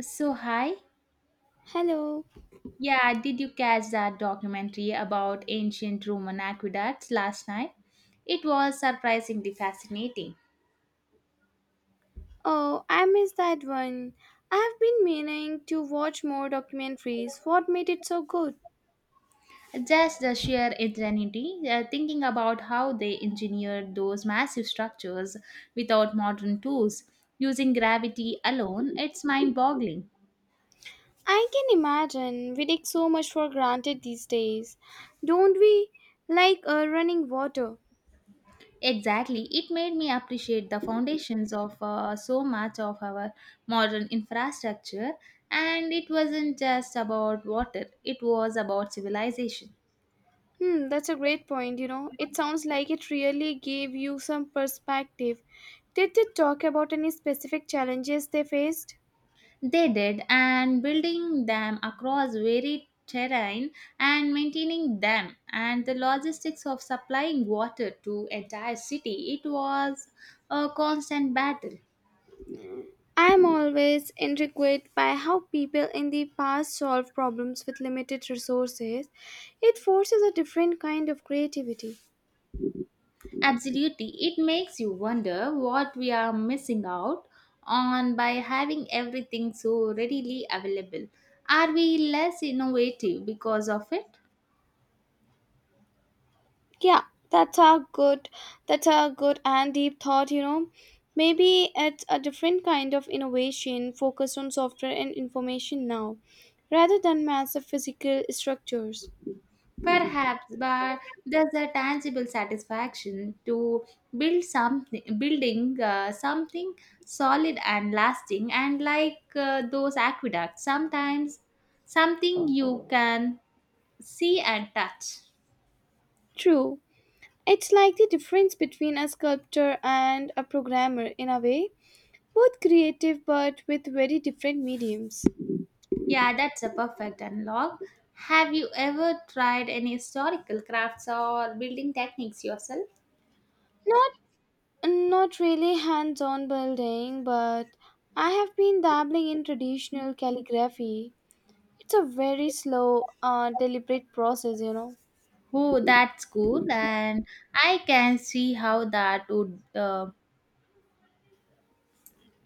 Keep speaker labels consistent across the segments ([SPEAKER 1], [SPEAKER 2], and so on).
[SPEAKER 1] So, hi.
[SPEAKER 2] Hello.
[SPEAKER 1] Yeah, did you catch that documentary about ancient Roman aqueducts last night? It was surprisingly fascinating.
[SPEAKER 2] Oh, I missed that one. I have been meaning to watch more documentaries. What made it so good?
[SPEAKER 1] Just the sheer ingenuity, thinking about how they engineered those massive structures without modern tools, using gravity alone, it's mind boggling.
[SPEAKER 2] I can imagine. We take so much for granted these days, don't we? Like running water.
[SPEAKER 1] Exactly. It made me appreciate the foundations of so much of our modern infrastructure. And it wasn't just about water, it was about civilization.
[SPEAKER 2] Hmm, that's a great point. It sounds like it really gave you some perspective. Did they talk about any specific challenges they faced?
[SPEAKER 1] They did, and building them across varied terrain and maintaining them, and the logistics of supplying water to entire city, it was a constant battle.
[SPEAKER 2] I am always intrigued by how people in the past solved problems with limited resources. It forces a different kind of creativity.
[SPEAKER 1] Absolutely. It makes you wonder what we are missing out on by having everything so readily available. Are we less innovative because of it?
[SPEAKER 2] Yeah, that's a good that's a good and deep thought. Maybe it's a different kind of innovation focused on software and information now, rather than massive physical structures.
[SPEAKER 1] Perhaps, but there's a tangible satisfaction to build something, building something solid and lasting, and like those aqueducts, sometimes something you can see and touch.
[SPEAKER 2] True. It's like the difference between a sculptor and a programmer in a way. Both creative but with very different mediums.
[SPEAKER 1] Yeah, that's a perfect unlock. Have you ever tried any historical crafts or building techniques yourself?
[SPEAKER 2] Not Not really hands-on building, but I have been dabbling in traditional calligraphy. It's a very slow, deliberate process.
[SPEAKER 1] Oh, that's cool, and I can see how that would,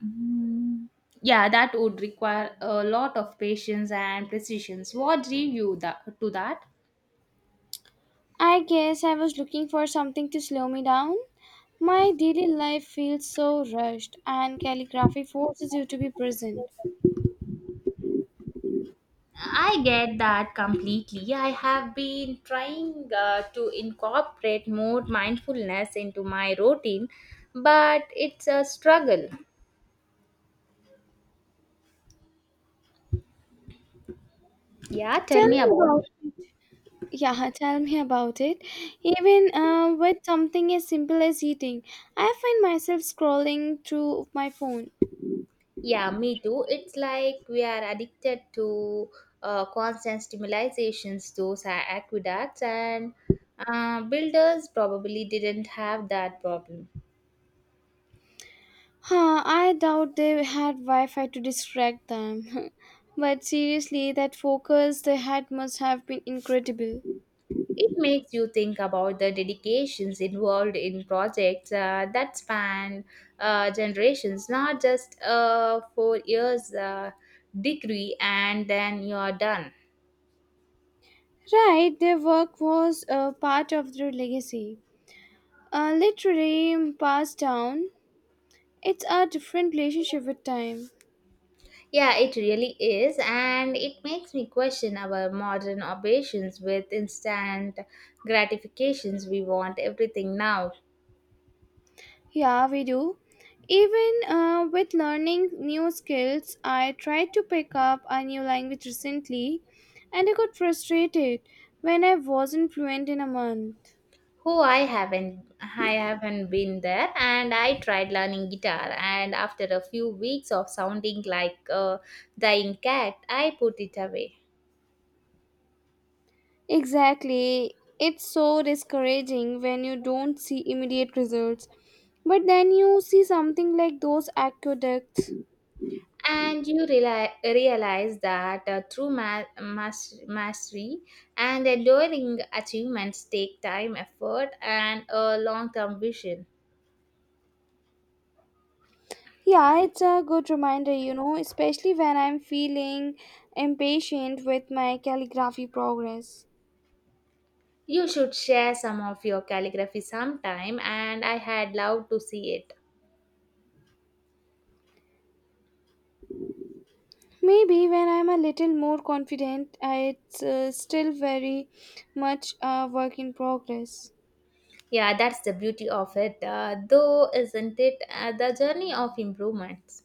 [SPEAKER 1] mm, yeah, that would require a lot of patience and precision. What drew you to that?
[SPEAKER 2] I guess I was looking for something to slow me down. My daily life feels so rushed, and calligraphy forces you to be present.
[SPEAKER 1] I get that completely. I have been trying to incorporate more mindfulness into my routine, but it's a struggle. Yeah, tell
[SPEAKER 2] Tell
[SPEAKER 1] me
[SPEAKER 2] me
[SPEAKER 1] about.
[SPEAKER 2] about it. Yeah, tell me about it. Even with something as simple as eating, I find myself scrolling through my phone.
[SPEAKER 1] Yeah, me too. It's like we are addicted to constant stimulations, those are aqueducts, and builders probably didn't have that problem.
[SPEAKER 2] Huh, I doubt they had Wi Fi to distract them. But seriously, that focus they had must have been incredible.
[SPEAKER 1] It makes you think about the dedications involved in projects that span generations, not just 4 years degree and then you're done.
[SPEAKER 2] Right, their work was a part of their legacy. Literally passed down. It's a different relationship with time.
[SPEAKER 1] Yeah, it really is, and it makes me question our modern obsessions with instant gratifications. We want everything now.
[SPEAKER 2] Yeah, we do. Even with learning new skills, I tried to pick up a new language recently and I got frustrated when I wasn't fluent in a month.
[SPEAKER 1] Who I haven't been there, and I tried learning guitar, and after a few weeks of sounding like a dying cat, I put it away.
[SPEAKER 2] Exactly. It's so discouraging when you don't see immediate results. But then you see something like those aqueducts.
[SPEAKER 1] And realize that true mastery and enduring achievements take time, effort, and a long-term vision.
[SPEAKER 2] Yeah, it's a good reminder, especially when I'm feeling impatient with my calligraphy progress.
[SPEAKER 1] You should share some of your calligraphy sometime, and I had loved to see it.
[SPEAKER 2] Maybe when I'm a little more confident, it's still very much a work in progress.
[SPEAKER 1] Yeah, that's the beauty of it, though, isn't it? The journey of improvements.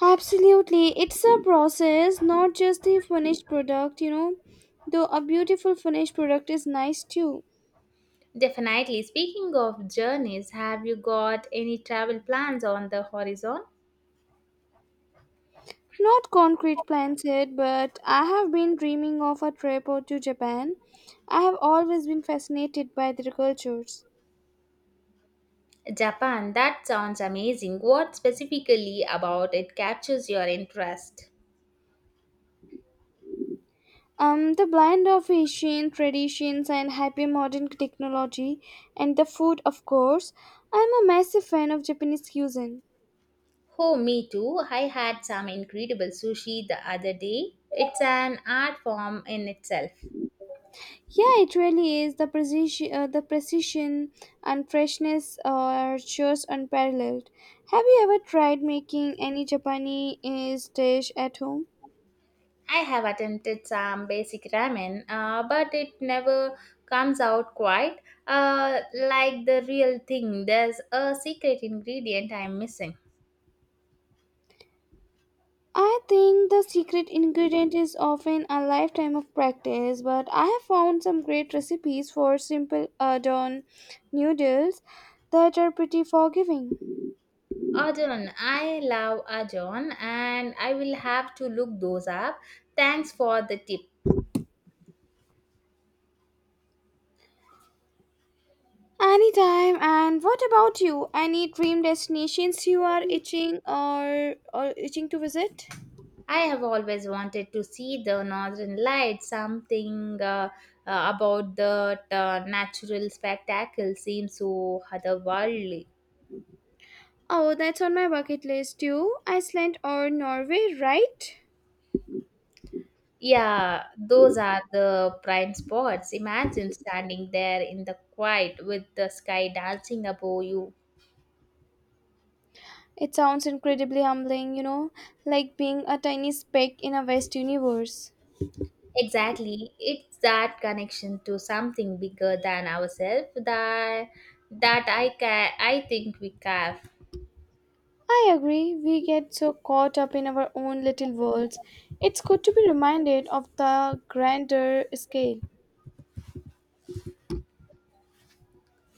[SPEAKER 2] Absolutely, it's a process, not just the finished product. Though a beautiful finished product is nice too.
[SPEAKER 1] Definitely. Speaking of journeys, have you got any travel plans on the horizon?
[SPEAKER 2] Not concrete plans yet, but I have been dreaming of a trip out to Japan. I have always been fascinated by their cultures.
[SPEAKER 1] Japan, that sounds amazing. What specifically about it captures your interest?
[SPEAKER 2] The blend of Asian traditions and hyper modern technology, and the food, of course. I'm a massive fan of Japanese cuisine.
[SPEAKER 1] Oh, me too. I had some incredible sushi the other day. It's an art form in itself.
[SPEAKER 2] Yeah, it really is. The precision and freshness are just unparalleled. Have you ever tried making any Japanese dish at home?
[SPEAKER 1] I have attempted some basic ramen, but it never comes out quite like the real thing. There's a secret ingredient I'm missing.
[SPEAKER 2] I think the secret ingredient is often a lifetime of practice, but I have found some great recipes for simple udon noodles that are pretty forgiving.
[SPEAKER 1] Ajon, I love Ajon, and I will have to look those up. Thanks for the tip.
[SPEAKER 2] Anytime, and what about you? Any dream destinations you are itching or itching to visit?
[SPEAKER 1] I have always wanted to see the northern lights. Something about that natural spectacle seems so otherworldly.
[SPEAKER 2] Oh, that's on my bucket list too. Iceland or Norway, right?
[SPEAKER 1] Yeah, those are the prime spots. Imagine standing there in the quiet with the sky dancing above you.
[SPEAKER 2] It sounds incredibly humbling, like being a tiny speck in a vast universe.
[SPEAKER 1] Exactly. It's that connection to something bigger than ourselves that I think we have.
[SPEAKER 2] I agree, we get so caught up in our own little worlds. It's good to be reminded of the grander scale.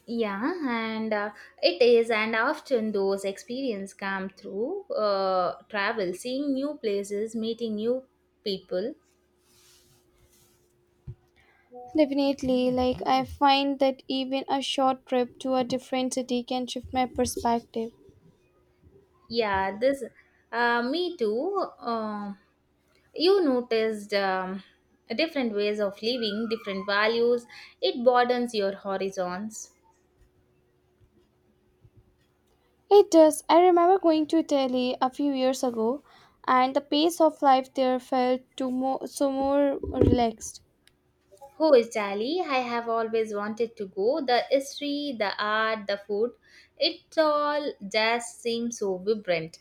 [SPEAKER 1] Yeah, and it is, and often those experiences come through travel, seeing new places, meeting new people.
[SPEAKER 2] Definitely, like I find that even a short trip to a different city can shift my perspective.
[SPEAKER 1] Yeah, this me too. You noticed different ways of living, different values. It broadens your horizons.
[SPEAKER 2] It does. I remember going to Italy a few years ago, and the pace of life there so more relaxed.
[SPEAKER 1] Who is Italy, I have always wanted to go. The history, the art, the food, it all just seems so vibrant.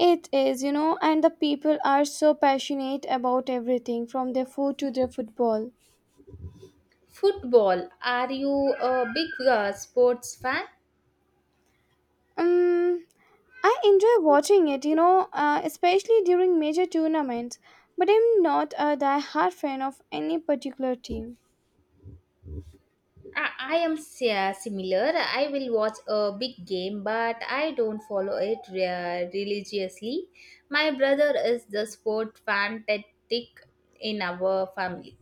[SPEAKER 2] It is, you know, and the people are so passionate about everything from their food to their football.
[SPEAKER 1] Football, are you a big sports fan?
[SPEAKER 2] Um, I enjoy watching it, you know, especially during major tournaments, but I'm not a die-hard fan of any particular team.
[SPEAKER 1] I am similar. I will watch a big game, but I don't follow it religiously. My brother is the sport fanatic in our family.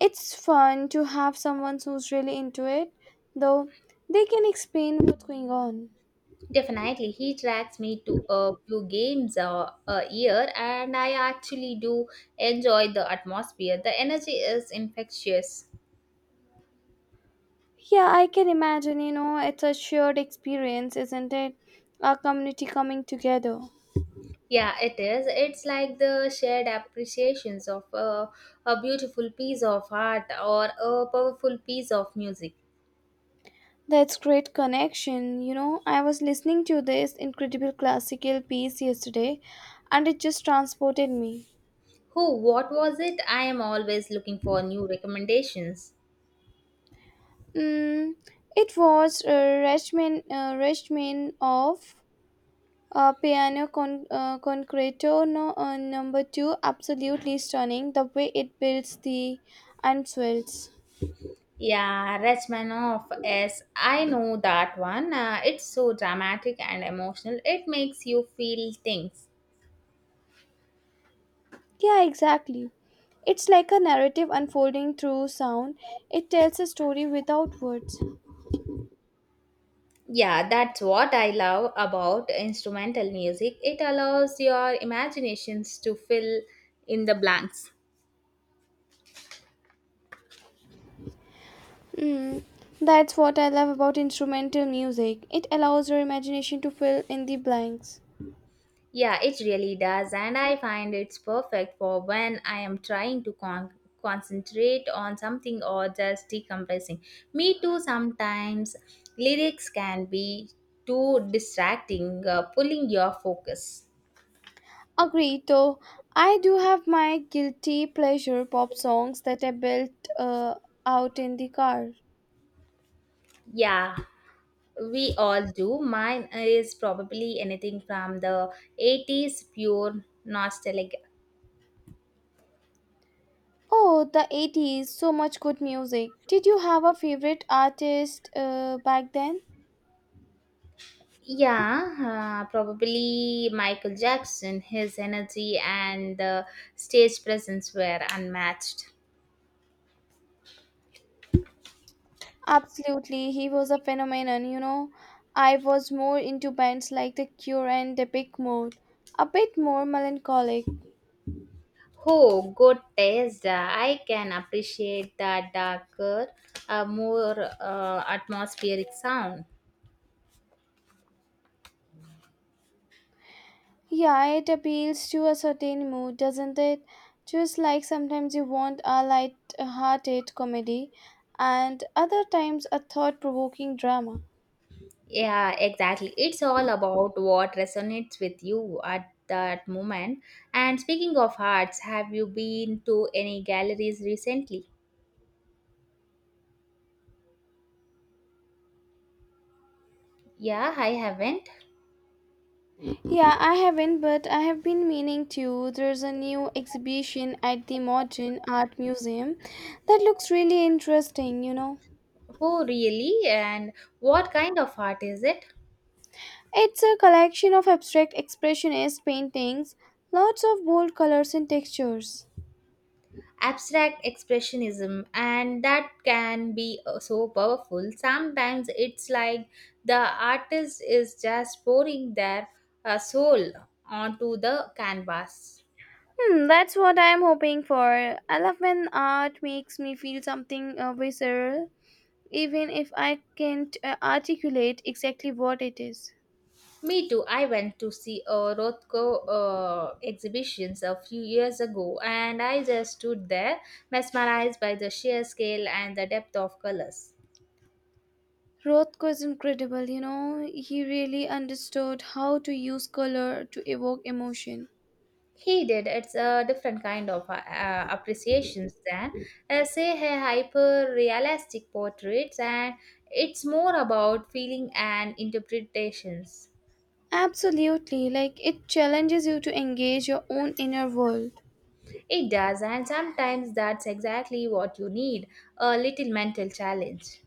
[SPEAKER 2] It's fun to have someone who's really into it, though they can explain what's going on.
[SPEAKER 1] Definitely, he tracks me to a few games a year, and I actually do enjoy the atmosphere. The energy is infectious.
[SPEAKER 2] Yeah, I can imagine, you know, it's a shared experience, isn't it? Our community coming together.
[SPEAKER 1] Yeah, it is. It's like the shared appreciations of a beautiful piece of art or a powerful piece of music.
[SPEAKER 2] That's great connection. You know, I was listening to this incredible classical piece yesterday and it just transported me.
[SPEAKER 1] Who? What was it? I am always looking for new recommendations.
[SPEAKER 2] Mm, it was Rachmaninoff, piano concerto no, number two, absolutely stunning. The way it builds the and swells.
[SPEAKER 1] Yeah, Rachmaninoff. Yes, I know that one. It's so dramatic and emotional. It makes you feel things.
[SPEAKER 2] Yeah, exactly. It's like a narrative unfolding through sound. It tells a story without words.
[SPEAKER 1] Yeah, that's what I love about instrumental music. It allows your imaginations to fill in the blanks.
[SPEAKER 2] Mm, that's what I love about instrumental music. It allows your imagination to fill in the blanks.
[SPEAKER 1] Yeah, it really does, and I find it's perfect for when I am trying to concentrate on something or just decompressing. Me too, sometimes lyrics can be too distracting, pulling your focus.
[SPEAKER 2] Agreed, though I do have my guilty pleasure pop songs that I built uh, out in the car.
[SPEAKER 1] Yeah, we all do. Mine is probably anything from the 80s, pure nostalgic.
[SPEAKER 2] Oh, the 80s, so much good music. Did you have a favorite artist back then?
[SPEAKER 1] Yeah, probably Michael Jackson. His energy and the stage presence were unmatched.
[SPEAKER 2] Absolutely, he was a phenomenon, you know. I was more into bands like The Cure and The Big Mode, a bit more melancholic.
[SPEAKER 1] Oh, good taste. I can appreciate that darker, more atmospheric sound.
[SPEAKER 2] Yeah, it appeals to a certain mood, doesn't it? Just like sometimes you want a light-hearted comedy and other times a thought-provoking drama.
[SPEAKER 1] Yeah, exactly. It's all about what resonates with you at that moment. And speaking of arts, have you been to any galleries recently? Yeah, I haven't.
[SPEAKER 2] Yeah, I haven't, but I have been meaning to. There's a new exhibition at the Modern Art Museum that looks really interesting.
[SPEAKER 1] Oh, really? And what kind of art is it?
[SPEAKER 2] It's a collection of abstract expressionist paintings, lots of bold colors and textures.
[SPEAKER 1] Abstract expressionism, and that can be so powerful. Sometimes it's like the artist is just pouring their soul onto the canvas.
[SPEAKER 2] Hmm, that's what I'm hoping for. I love when art makes me feel something visceral, even if I can't articulate exactly what it is.
[SPEAKER 1] Me too. I went to see a Rothko exhibitions a few years ago, and I just stood there mesmerized by the sheer scale and the depth of colors.
[SPEAKER 2] Rothko is incredible, you know. He really understood how to use color to evoke emotion.
[SPEAKER 1] He did. It's a different kind of appreciations than say, her hyper-realistic portraits, and it's more about feeling and interpretations.
[SPEAKER 2] Absolutely, like it challenges you to engage your own inner world.
[SPEAKER 1] It does, and sometimes that's exactly what you need a little mental challenge.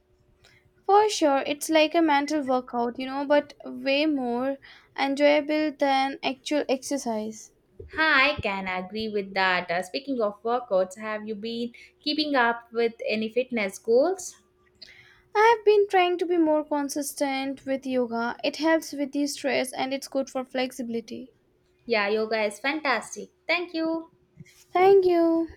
[SPEAKER 2] For sure, it's like a mental workout, you know, but way more enjoyable than actual exercise.
[SPEAKER 1] Hi, I can agree with that. Speaking of workouts, have you been keeping up with any fitness goals?
[SPEAKER 2] I have been trying to be more consistent with yoga. It helps with the stress and it's good for flexibility.
[SPEAKER 1] Yeah, yoga is fantastic. Thank you.
[SPEAKER 2] Thank you.